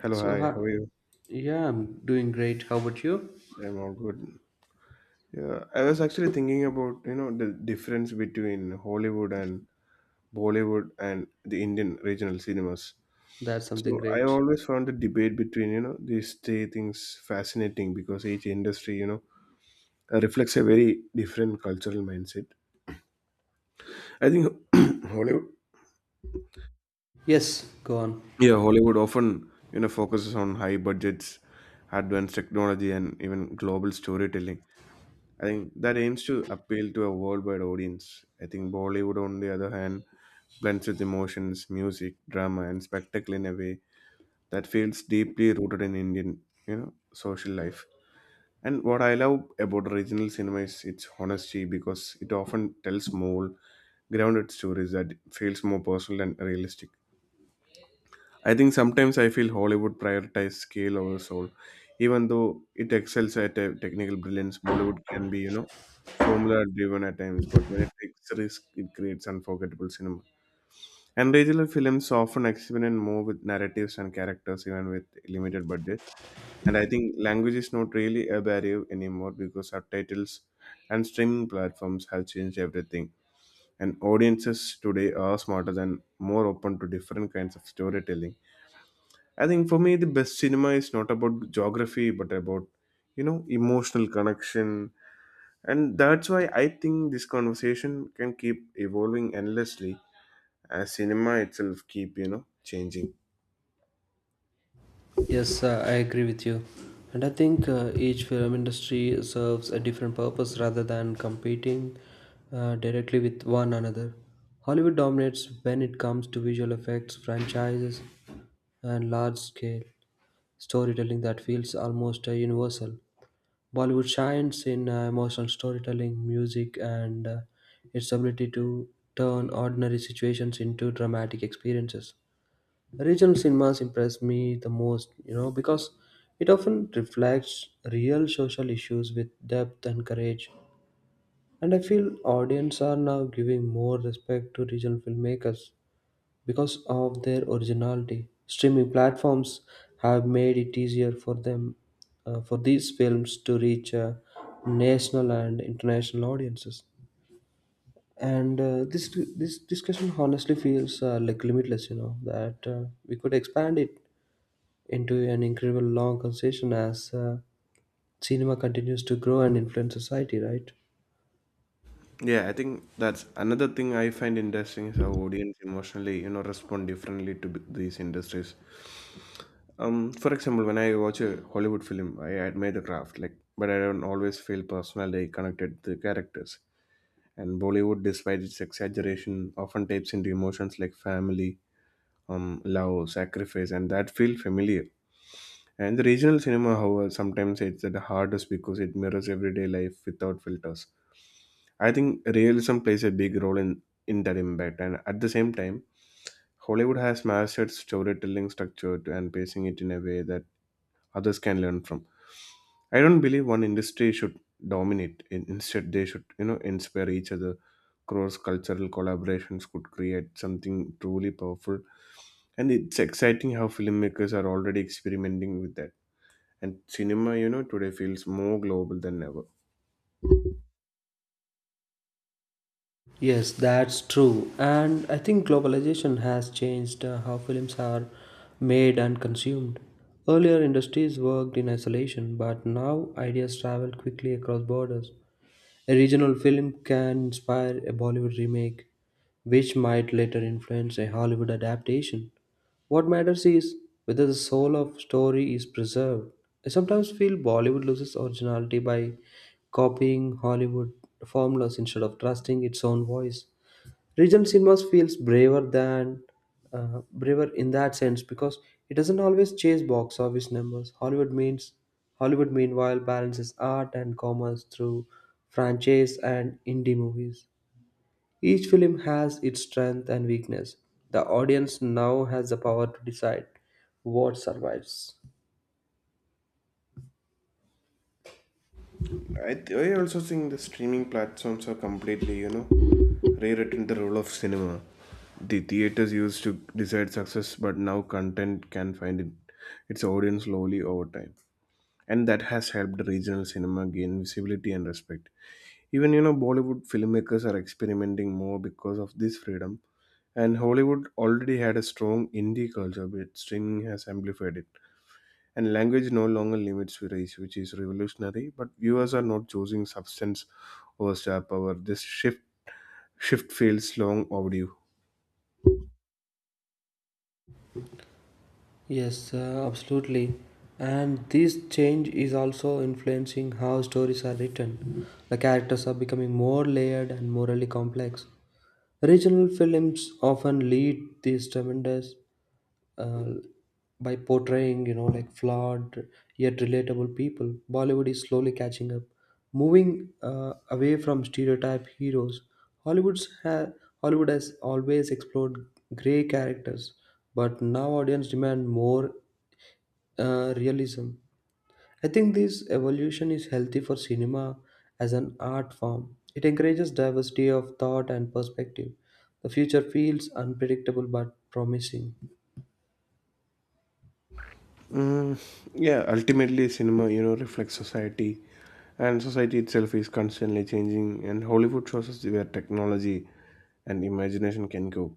Hello, So, hi. How are you? yeah, I'm doing great. How about you? I'm all good. Yeah, I was actually thinking about, you know, the difference between Hollywood and Bollywood and the Indian regional cinemas. That's something So I great. always found the debate between, you know, these three things fascinating because each industry, you know, reflects a very different cultural mindset. I think Hollywood, Yes, go on. yeah, Hollywood often, you know, focuses on high budgets, advanced technology, and even global storytelling I think that aims to appeal to a worldwide audience. I think Bollywood, on the other hand, blends with emotions, music, drama, and spectacle in a way that feels deeply rooted in Indian, you know, social life. And what I love about regional cinema is its honesty because it often tells more grounded stories that feels more personal and realistic. I think sometimes I feel Hollywood prioritizes scale over soul. Even though it excels at a technical brilliance, Bollywood can be, you know, formula driven at times, but when it takes risk, it creates unforgettable cinema. And regional films often experiment more with narratives and characters, even with limited budget. And I think language is not really a barrier anymore because subtitles and streaming platforms have changed everything. And audiences today are smarter and more open to different kinds of storytelling. I think for me, the best cinema is not about geography, but about, you know, emotional connection. And that's why I think this conversation can keep evolving endlessly as cinema itself keep, you know, changing. Yes, I agree with you. And I think each film industry serves a different purpose rather than competing directly with one another. Hollywood dominates when it comes to visual effects, franchises, and large scale storytelling that feels almost universal. Bollywood shines in emotional storytelling, music, and its ability to turn ordinary situations into dramatic experiences. Regional cinemas impress me the most, you know, because it often reflects real social issues with depth and courage. And I feel audience are now giving more respect to regional filmmakers because of their originality, streaming platforms have made it easier for them for these films to reach national and international audiences. And this discussion honestly feels like limitless. You know that we could expand it into an incredible long conversation as cinema continues to grow and influence society, right? Yeah, I think that's another thing I find interesting is how audience emotionally, you know, respond differently to these industries. For example, when I watch a Hollywood film, I admire the craft, like, but I don't always feel personally connected to the characters. And Bollywood, despite its exaggeration, often taps into emotions like family, love, sacrifice, and that feel familiar. And the regional cinema, however, sometimes it's the hardest because it mirrors everyday life without filters. I think realism plays a big role in that impact. And at the same time, Hollywood has mastered storytelling structure and pacing it in a way that others can learn from. I don't believe one industry should dominate. Instead, they should, you know, inspire each other. Cross cultural collaborations could create something truly powerful. And it's exciting how filmmakers are already experimenting with that. And cinema, you know, today feels more global than ever. Yes, that's true. And I think globalization has changed how films are made and consumed. Earlier, industries worked in isolation, but now ideas travel quickly across borders. A regional film can inspire a Bollywood remake, which might later influence a Hollywood adaptation. What matters is whether the soul of story is preserved. I sometimes feel Bollywood loses originality by copying Hollywood formulas instead of trusting its own voice. Regional cinemas feels braver than braver in that sense because it doesn't always chase box office numbers. Hollywood meanwhile balances art and commerce through franchise and indie movies. Each film has its strength and weakness. The audience now has the power to decide what survives. I also think the streaming platforms are completely, you know, rewritten the role of cinema. The theaters used to decide success, but now content can find it, its audience slowly over time. And that has helped regional cinema gain visibility and respect. Even, you know, Bollywood filmmakers are experimenting more because of this freedom. And Hollywood already had a strong indie culture, but streaming has amplified it. And language no longer limits race, which is revolutionary. But viewers are not choosing substance over star power. This shift feels long overdue. Yes, absolutely. And this change is also influencing how stories are written. The characters are becoming more layered and morally complex. Regional films often lead these tremendous uh, by portraying, you know, like flawed yet relatable people. Bollywood is slowly catching up, moving away from stereotype heroes. Hollywood's ha- Hollywood has always explored gray characters, but now audience demand more realism. I think this evolution is healthy for cinema as an art form. It encourages diversity of thought and perspective. The future feels unpredictable but promising. Mm, yeah, ultimately, cinema you know reflects society, and society itself is constantly changing. And Hollywood shows us where technology and imagination can go,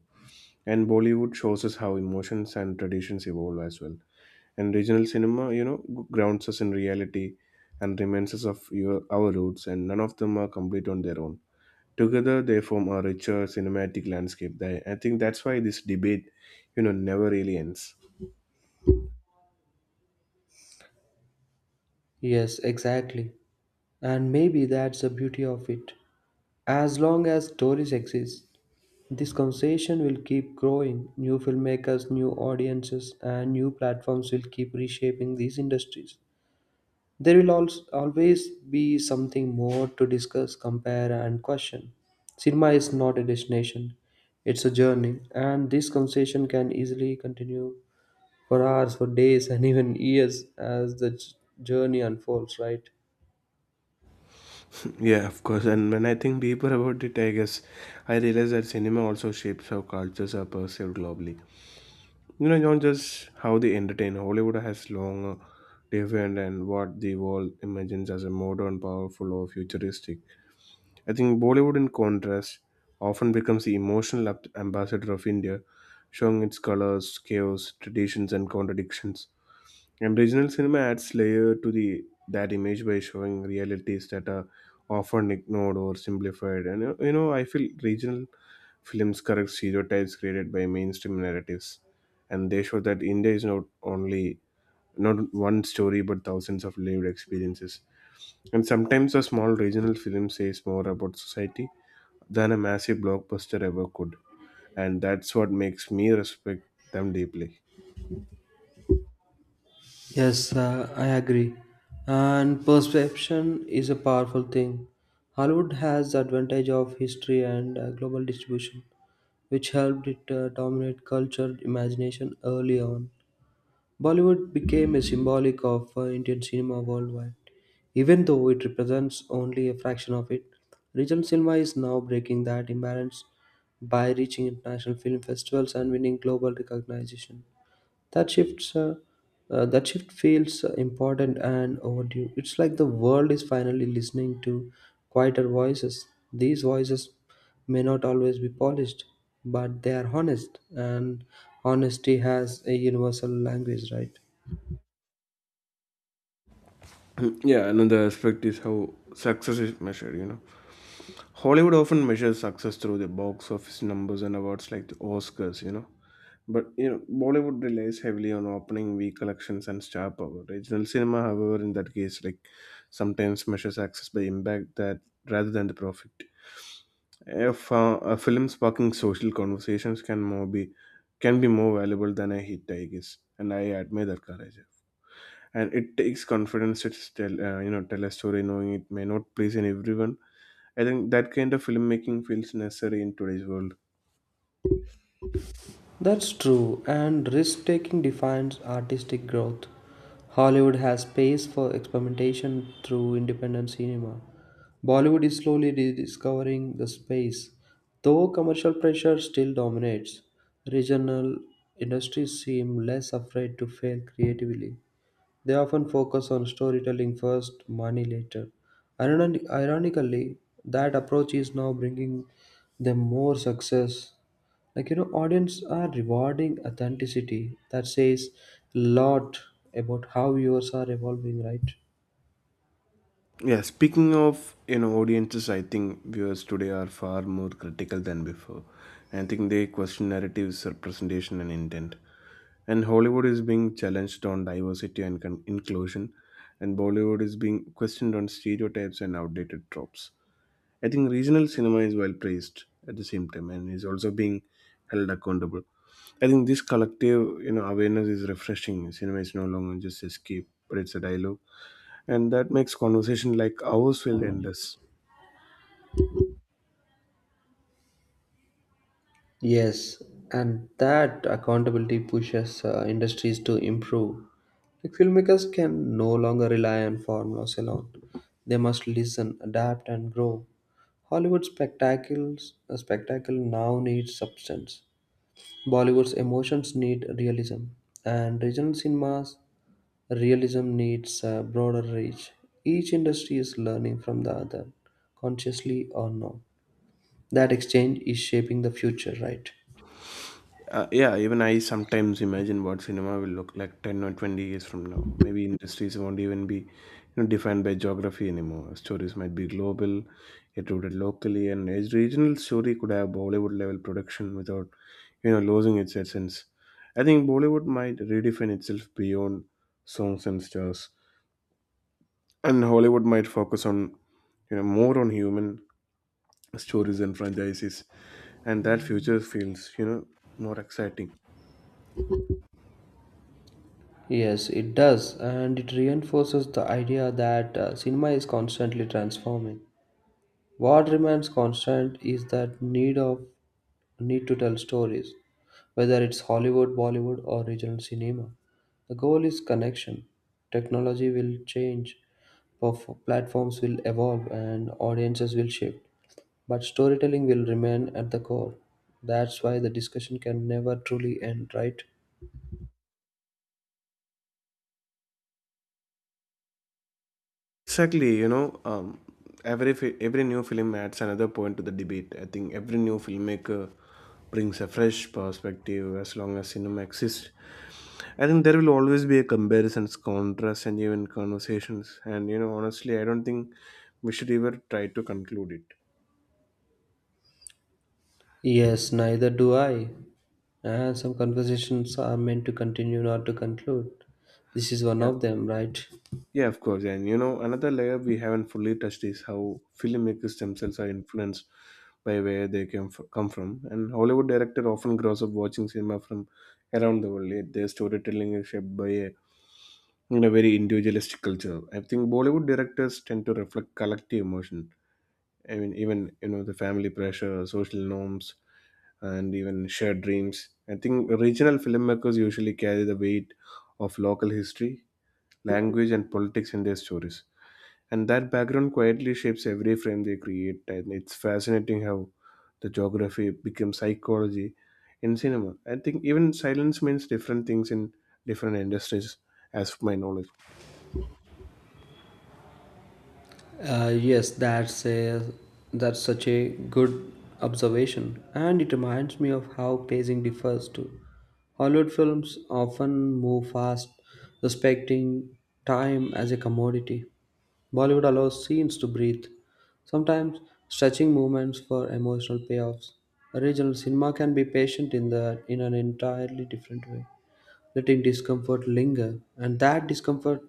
and Bollywood shows us how emotions and traditions evolve as well. And regional cinema, you know, grounds us in reality and reminds us of your, our roots, and none of them are complete on their own. Together they form a richer cinematic landscape. They, I think that's why this debate, you know, never really ends. Yes, exactly. And maybe that's the beauty of it. As long as stories exist, this conversation will keep growing. New filmmakers, new audiences, and new platforms will keep reshaping these industries. There will also always be something more to discuss, compare, and question. Cinema is not a destination, it's a journey, and this conversation can easily continue for hours, for days, and even years as the journey unfolds, right? Yeah, of course. And when I think deeper about it, I guess I realize that cinema also shapes how cultures are perceived globally. You know, not just how they entertain. Hollywood has long defined and what the world imagines as a modern, powerful, or futuristic. I think Bollywood, in contrast, often becomes the emotional ambassador of India, showing its colors, chaos, traditions, and contradictions. And regional cinema adds layer to the that image by showing realities that are often ignored or simplified. And you know, I feel regional films correct stereotypes created by mainstream narratives, and they show that India is not only not one story but thousands of lived experiences. And sometimes a small regional film says more about society than a massive blockbuster ever could, and that's what makes me respect them deeply. Yes, I agree. And perception is a powerful thing. Hollywood has the advantage of history and global distribution, which helped it dominate culture imagination early on. Bollywood became a symbolic of Indian cinema worldwide. Even though it represents only a fraction of it, regional cinema is now breaking that imbalance by reaching international film festivals and winning global recognition. That shifts, uh, that shift feels important and overdue. It's like the world is finally listening to quieter voices. These voices may not always be polished, but they are honest, and honesty has a universal language, right? Yeah, another aspect is how success is measured, you know. Hollywood often measures success through the box office numbers and awards like the Oscars, you know. But, you know, Bollywood relies heavily on opening week collections and star power. Regional cinema, however, in that case, like sometimes measures success by impact that rather than the profit. If a film sparking social conversations can more be can be more valuable than a hit, I guess. And I admire that courage and it takes confidence to tell you know tell a story knowing it may not please in everyone. I think that kind of filmmaking feels necessary in today's world. That's true, and risk taking defines artistic growth. Hollywood has space for experimentation through independent cinema. Bollywood is slowly rediscovering the space, though commercial pressure still dominates. Regional industries seem less afraid to fail creatively. They often focus on storytelling first, money later. Ironically, that approach is now bringing them more success. Like, you know, audience are rewarding authenticity. That says a lot about how viewers are evolving, right? Yeah, speaking of you know audiences I think viewers today are far more critical than before, and I think they question narratives representation and intent. And Hollywood is being challenged on diversity and inclusion, and Bollywood is being questioned on stereotypes and outdated tropes. I think regional cinema is well praised at the same time and is also being held accountable. I think this collective, you know, awareness is refreshing. Cinema is no longer just escape, but it's a dialogue, and that makes conversation like ours feel endless. Yes, and that accountability pushes industries to improve. Like filmmakers can no longer rely on formulas alone. They must listen, adapt, and grow. Hollywood spectacle now needs substance. Bollywood's emotions need realism, and regional cinemas' realism needs a broader reach. Each industry is learning from the other, consciously or not. That exchange is shaping the future, right? Yeah, even I sometimes imagine what cinema will look like 10 or 20 years from now. Maybe industries won't even be you know, defined by geography anymore. Stories might be global, yet rooted locally, and each regional story could have Bollywood level production without you know losing its essence. I think Bollywood might redefine itself beyond songs and stars, and Hollywood might focus on you know more on human stories and franchises, and that future feels you know more exciting. Yes, it does, and it reinforces the idea that cinema is constantly transforming. What remains constant is that need of need to tell stories, whether it's Hollywood, Bollywood, or regional cinema. The goal is connection. Technology will change, platforms will evolve, and audiences will shift. But storytelling will remain at the core. That's why the discussion can never truly end, right? Exactly, you know, every every new film adds another point to the debate. I think every new filmmaker brings a fresh perspective as long as cinema exists. I think there will always be a comparisons, contrasts, and even conversations. And you know, honestly, I don't think we should ever try to conclude it. Yes, neither do I. And some conversations are meant to continue, not to conclude. This is one Yeah. of them, right? Yeah, of course. And you know, another layer we haven't fully touched is how filmmakers themselves are influenced by where they come from. And Hollywood director often grows up watching cinema from around the world. Yet their storytelling is shaped by a in a very individualistic culture. I think Bollywood directors tend to reflect collective emotion. I mean, even you know the family pressure, social norms, and even shared dreams. I think regional filmmakers usually carry the weight of local history language, and politics in their stories. And that background quietly shapes every frame they create. And it's fascinating how the geography becomes psychology in cinema. I think even silence means different things in different industries, as of my knowledge. Yes, that's such a good observation, and it reminds me of how pacing differs too. Hollywood films often move fast, respecting time as a commodity. Bollywood allows scenes to breathe, sometimes stretching movements for emotional payoffs. Regional cinema can be patient in an entirely different way letting discomfort linger. And that discomfort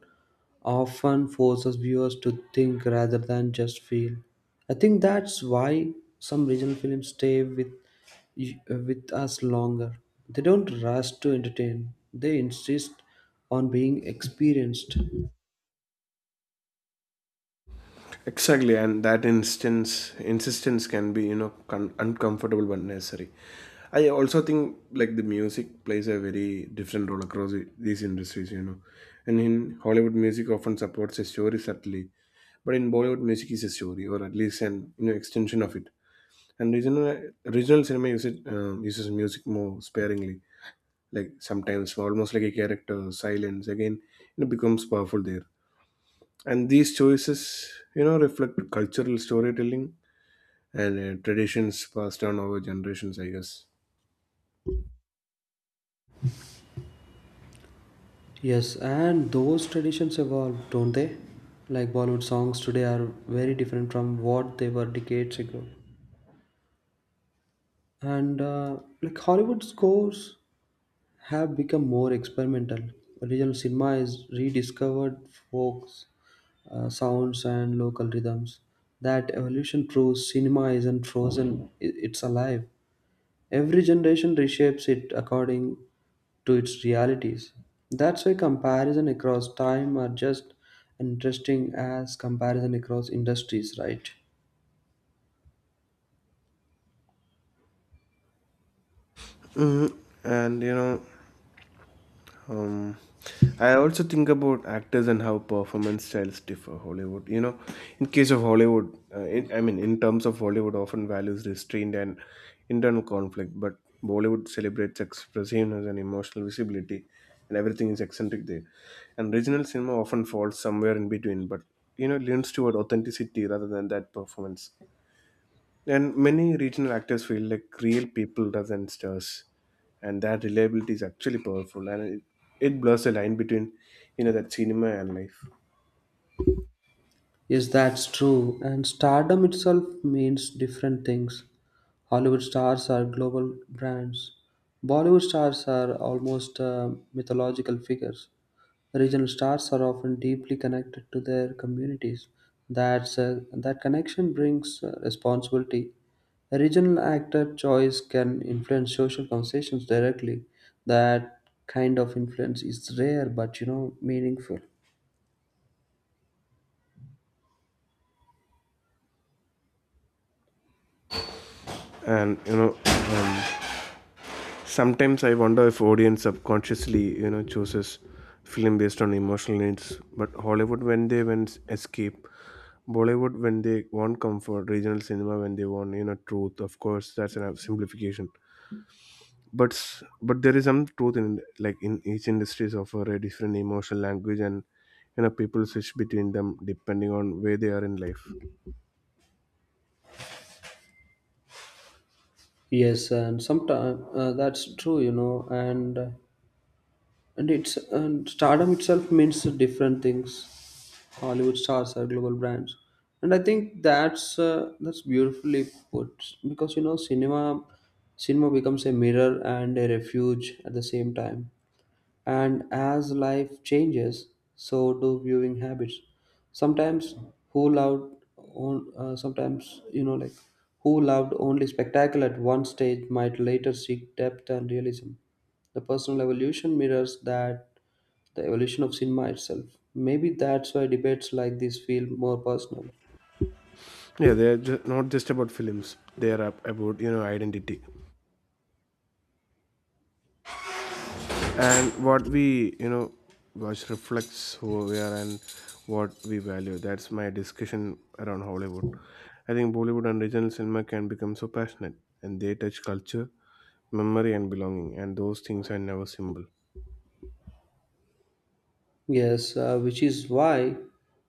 often forces viewers to think rather than just feel. I think that's why some regional films stay with us longer. They don't rush to entertain. They insist on being experienced. Exactly, and that instance insistence can be you know uncomfortable but necessary. I also think like the music plays a very different role across these industries, you know. And in Hollywood, music often supports a story subtly, but in Bollywood, music is a story, or at least an you know extension of it. And regional cinema uses uses music more sparingly, like sometimes almost like a character silence. Again, you know, becomes powerful there. And these choices, you know, reflect cultural storytelling and traditions passed down over generations, I guess. Yes, and those traditions evolve, don't they? Like Bollywood songs today are very different from what they were decades ago. And like Hollywood scores have become more experimental. Regional cinema is rediscovered folk sounds and local rhythms. That evolution proves cinema isn't frozen, it's alive. Every generation reshapes it according to its realities. That's why comparison across time are just interesting as comparison across industries, right? Mm-hmm. And you know, Um, I also think about actors and how performance styles differ. Hollywood, you know, in case of Hollywood, in, I mean, in terms of Hollywood, often values restraint and internal conflict, but Bollywood celebrates expressiveness and emotional visibility, and everything is eccentric there. And regional cinema often falls somewhere in between, but you know, leans toward authenticity rather than that performance. And many regional actors feel like real people rather than stars, and that reliability is actually powerful, and it blurs the line between you know that cinema and life. Yes, that's true. And stardom itself means different things. Hollywood stars are global brands. Bollywood stars are almost mythological figures. Regional stars are often deeply connected to their communities. That connection brings responsibility. A regional actor choice can influence social conversations directly. That kind of influence is rare but you know meaningful. And you know, um, sometimes I wonder if audience subconsciously you know chooses film based on emotional needs, but Hollywood when they want escape, Bollywood when they want comfort, regional cinema when they want you know truth. Of course, that's an simplification but but there is some truth in like in each industries offer a different emotional language and people switch between them depending on where they are in life Yes, and sometimes that's true, you know, and stardom itself means different things. Hollywood stars are global brands, and I think that's beautifully put because you know cinema becomes a mirror and a refuge at the same time. And as life changes, so do viewing habits. Sometimes who loved, sometimes you know, like who loved only spectacle at one stage might later seek depth and realism. The personal evolution mirrors that the evolution of cinema itself. Maybe that's why debates like this feel more personal. yeah they're not just about films, they are about identity and what we you know watch reflects who we are and what we value. That's my discussion around Hollywood. I think Bollywood and regional cinema can become so passionate, and they touch culture, memory and belonging, and those things are never simple. Yes, which is why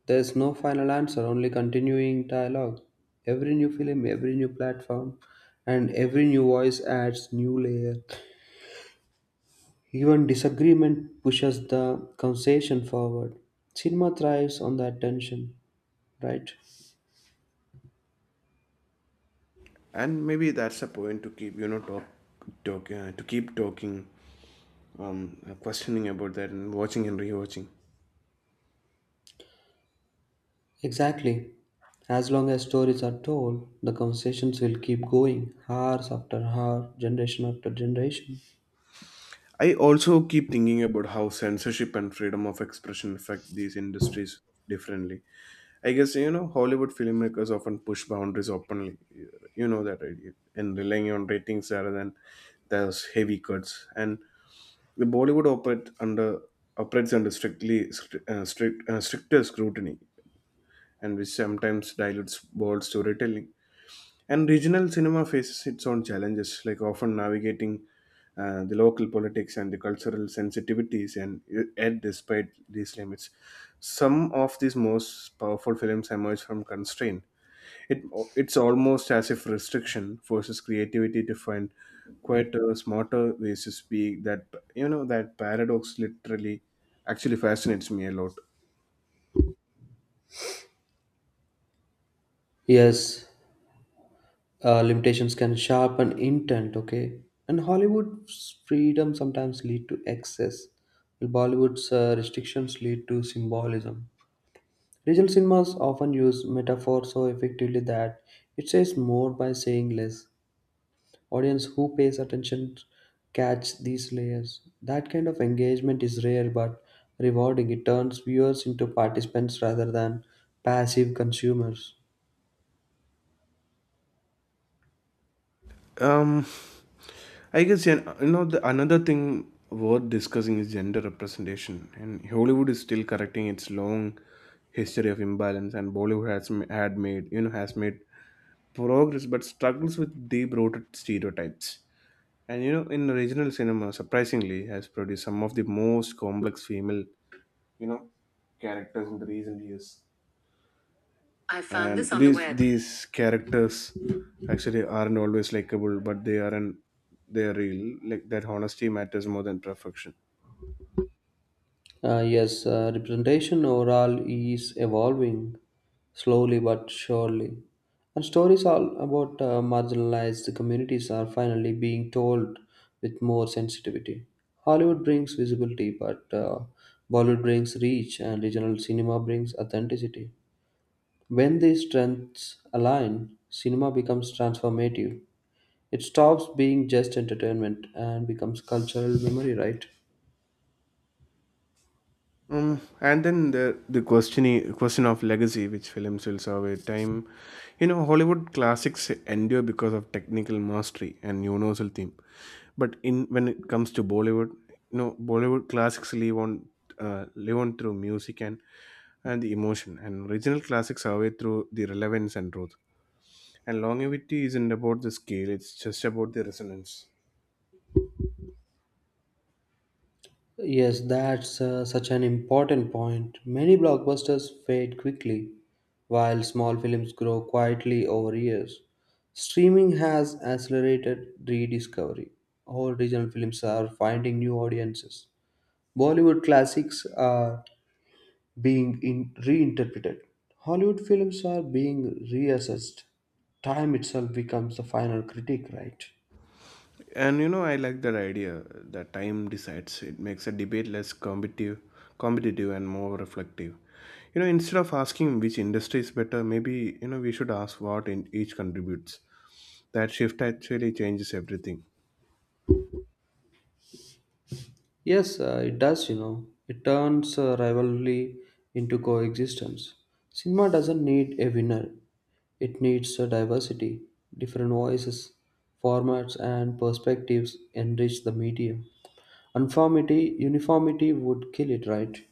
there's no final answer, only continuing dialogue. Every new film, every new platform, and every new voice adds new layer. Even disagreement pushes the conversation forward. Cinema thrives on that tension, right? And maybe that's a point to keep you know talk, talk to keep talking, questioning about that and watching and rewatching. Exactly. As long as stories are told, the conversations will keep going, hours after hour, generation after generation. I also keep thinking about how censorship and freedom of expression affect these industries differently. I guess you know Hollywood filmmakers often push boundaries openly, you know that, right? And relying on ratings rather than those heavy cuts. And the bollywood operate under operates under strictly stri- strict stricter scrutiny, and which sometimes dilutes bold storytelling. And regional cinema faces its own challenges, like often navigating the local politics and the cultural sensitivities, and yet, despite these limits, some of these most powerful films emerge from constraint. It, it's almost as if restriction forces creativity to find quieter, smarter ways to speak. That you know that paradox literally actually fascinates me a lot. Yes, limitations can sharpen intent. Okay, and Hollywood's freedom sometimes lead to excess while Bollywood's restrictions lead to symbolism. Regional cinemas often use metaphor so effectively that it says more by saying less. Audience who pays attention catch these layers. That kind of engagement is rare but rewarding. It turns viewers into participants rather than passive consumers. Um, I guess yeah, you know the another thing worth discussing is gender representation, and Hollywood is still correcting its long history of imbalance, and Bollywood has m- had made you know has made progress but struggles with deep-rooted stereotypes. And you know, in regional cinema, surprisingly, has produced some of the most complex female you know characters in the recent years. I found, and this. And on the these web. These characters actually aren't always likable, but they aren't they're real, like that honesty matters more than perfection. Yes, representation overall is evolving slowly but surely. And stories all about marginalized communities are finally being told with more sensitivity. Hollywood brings visibility, but Bollywood brings reach, and regional cinema brings authenticity. When these strengths align, cinema becomes transformative. It stops being just entertainment and becomes cultural memory, right? And then the question of legacy, which films will serve with time. You know, Hollywood classics endure because of technical mastery and universal theme, but in when it comes to Bollywood, you know, Bollywood classics live on through music and the emotion, and original classics survive through the relevance and truth. And longevity isn't about the scale, it's just about the resonance. Yes, that's such an important point. Many blockbusters fade quickly, while small films grow quietly over years. Streaming has accelerated rediscovery. All regional films are finding new audiences. Bollywood classics are being reinterpreted. Hollywood films are being reassessed. Time itself becomes the final critic, right? And you know, I like that idea that time decides. It makes a debate less competitive and more reflective. You know, instead of asking which industry is better, maybe you know we should ask what in each contributes. That shift actually changes everything. Yes, it does, you know. It turns rivalry into coexistence. Cinema doesn't need a winner, it needs a diversity. Different voices, formats, and perspectives enrich the medium. Uniformity would kill it, right?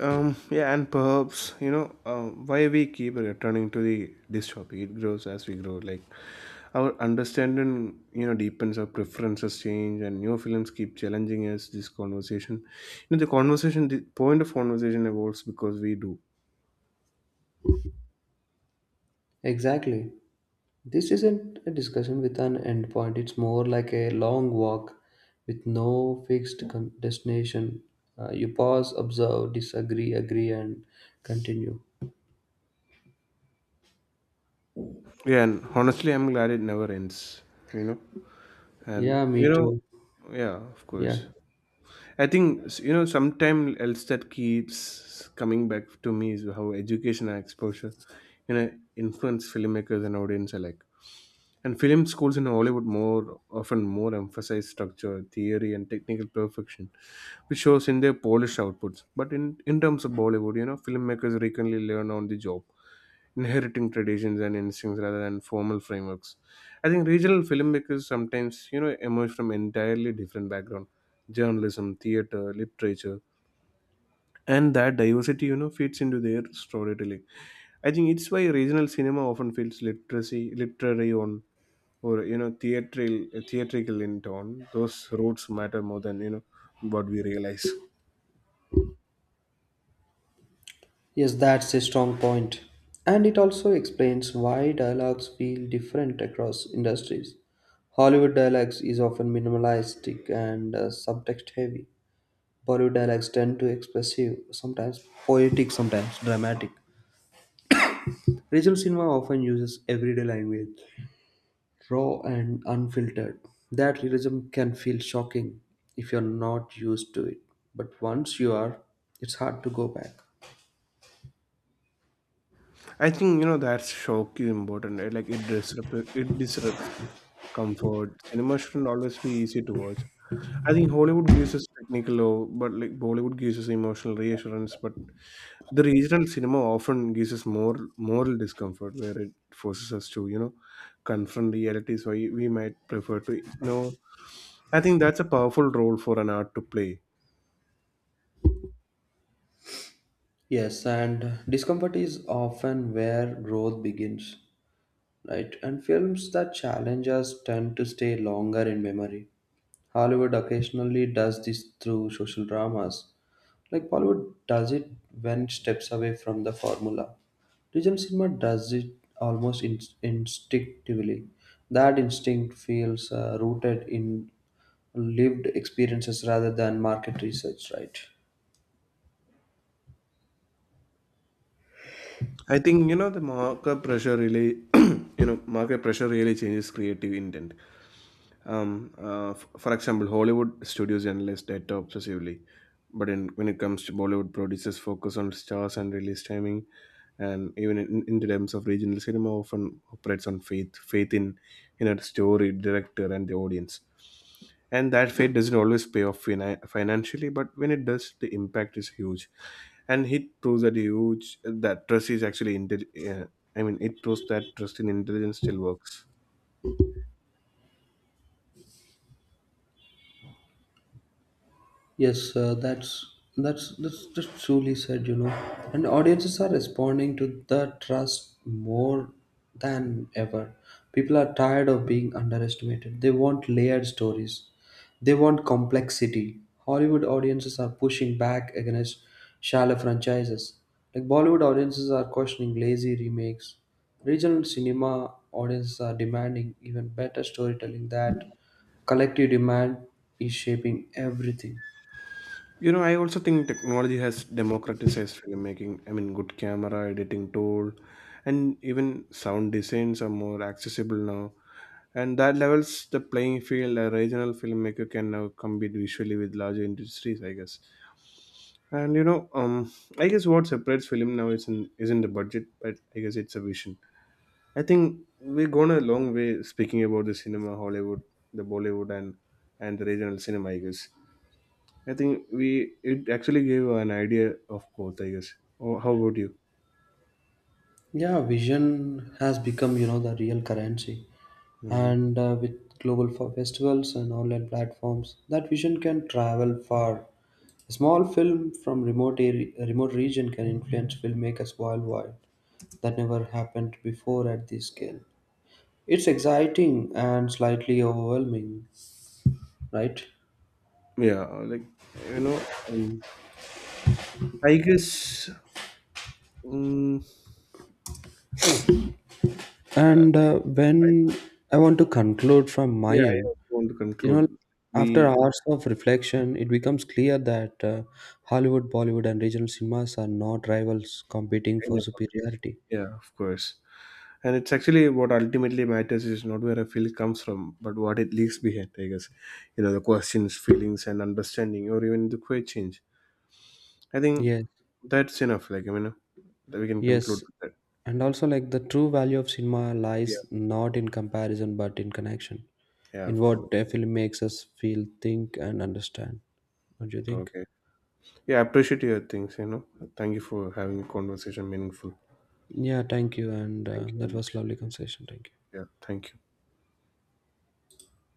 Yeah, and perhaps you know why we keep returning to the this topic. It grows as we grow. Like our understanding, you know, deepens. Our preferences change, and new films keep challenging us. This conversation, you know, the conversation, the point of conversation evolves because we do. Exactly. This isn't a discussion with an end point, it's more like a long walk with no fixed destination. You pause, observe, disagree, agree, and continue. Yeah, and honestly, I'm glad it never ends. You know, and Yeah, me you know, too. yeah, of Yeah. course. I think you know sometime else that keeps coming back to me is how education and exposure, you know, influence filmmakers and audience alike. And film schools in Hollywood more often more emphasize structure, theory, and technical perfection, which shows in their polished outputs. But in terms of Bollywood, you know, filmmakers frequently learn on the job, inheriting traditions and instincts rather than formal frameworks. I think regional filmmakers sometimes, you know, emerge from entirely different background: journalism, theater, literature, and that diversity you know fits into their storytelling. I think it's why regional cinema often feels literacy literary, on or you know theatrical in tone. Those roots matter more than you know what we realize. Yes, that's a strong point. And it also explains why dialogues feel different across industries. Hollywood dialogues is often minimalistic and subtext heavy. Bollywood dialogues tend to expressive, sometimes poetic, sometimes dramatic. Regional cinema often uses everyday language, raw and unfiltered. That realism can feel shocking if you're not used to it, but once you are, it's hard to go back. I think you know that's shock is important, right? Like it disrupts comfort. Cinema shouldn't always be easy to watch. I think Hollywood gives us technical love, but like Bollywood gives us emotional reassurance, but the regional cinema often gives us more moral discomfort, where it forces us to, you know, confront realities we might prefer to ignore. I think that's a powerful role for an art to play. Yes, and discomfort is often where growth begins, right? And films that challenge us tend to stay longer in memory. Hollywood occasionally does this through social dramas, like Bollywood does it when it steps away from the formula. Regional cinema does it almost instinctively. That instinct feels rooted in lived experiences rather than market research, right? I think you know the market pressure really, you know, market pressure really changes creative intent. For example, Hollywood studios analyze data obsessively, but when it comes to Bollywood, producers focus on stars and release timing, and even in terms of regional cinema, often operates on faith, in a story, director, and the audience. And that faith doesn't always pay off financially, but when it does, the impact is huge. And it proves that huge that trust is actually I mean, it proves that trust in intelligence still works. Yes, that's just truly said, you know. And audiences are responding to the trust more than ever. People are tired of being underestimated. They want layered stories. They want complexity. Hollywood audiences are pushing back against shallow franchises. Like Bollywood audiences are questioning lazy remakes. Regional cinema audiences are demanding even better storytelling. That collective demand is shaping everything. You know, I also think technology has democratized filmmaking. I mean, good camera, editing tool, and even sound designs are more accessible now. And that levels the playing field. A regional filmmaker can now compete visually with larger industries, I guess. And you know, I guess what separates film now isn't the budget, but I guess it's a vision. I think we've gone a long way speaking about the cinema, Hollywood, the Bollywood, and the regional cinema, I guess. I think we it actually gave an idea of both, I guess. Oh, how about you? Yeah, vision has become, you know, the real currency. Hmm. And with global festivals and online platforms, that vision can travel far. A small film from remote region can influence filmmakers worldwide. That never happened before at this scale. It's exciting and slightly overwhelming, right? Yeah, like you know, I guess. Um, uh, And I, when I want to conclude from my yeah, I end, also want to you know, conclude. after We hours of reflection, it becomes clear that Hollywood, Bollywood, and regional cinemas are not rivals competing end for up on this. superiority. Yeah, of course. And it's actually what ultimately matters is not where a feel comes from, but what it leaves behind. I guess, you know, the questions, feelings, and understanding, or even the quiet change. I think Yes, that's enough. Like I mean, that we can conclude yes. with that. And Yeah. also, like the true value of cinema Yeah. lies not in comparison but in connection, Yeah. in Of course. what a film makes us feel, think, and understand. Don't you think? Okay. Yeah, I appreciate your things, you know. Thank you for having a conversation meaningful. Yeah, thank you. And Thank you that very was lovely much. conversation. Thank you. Yeah, thank you.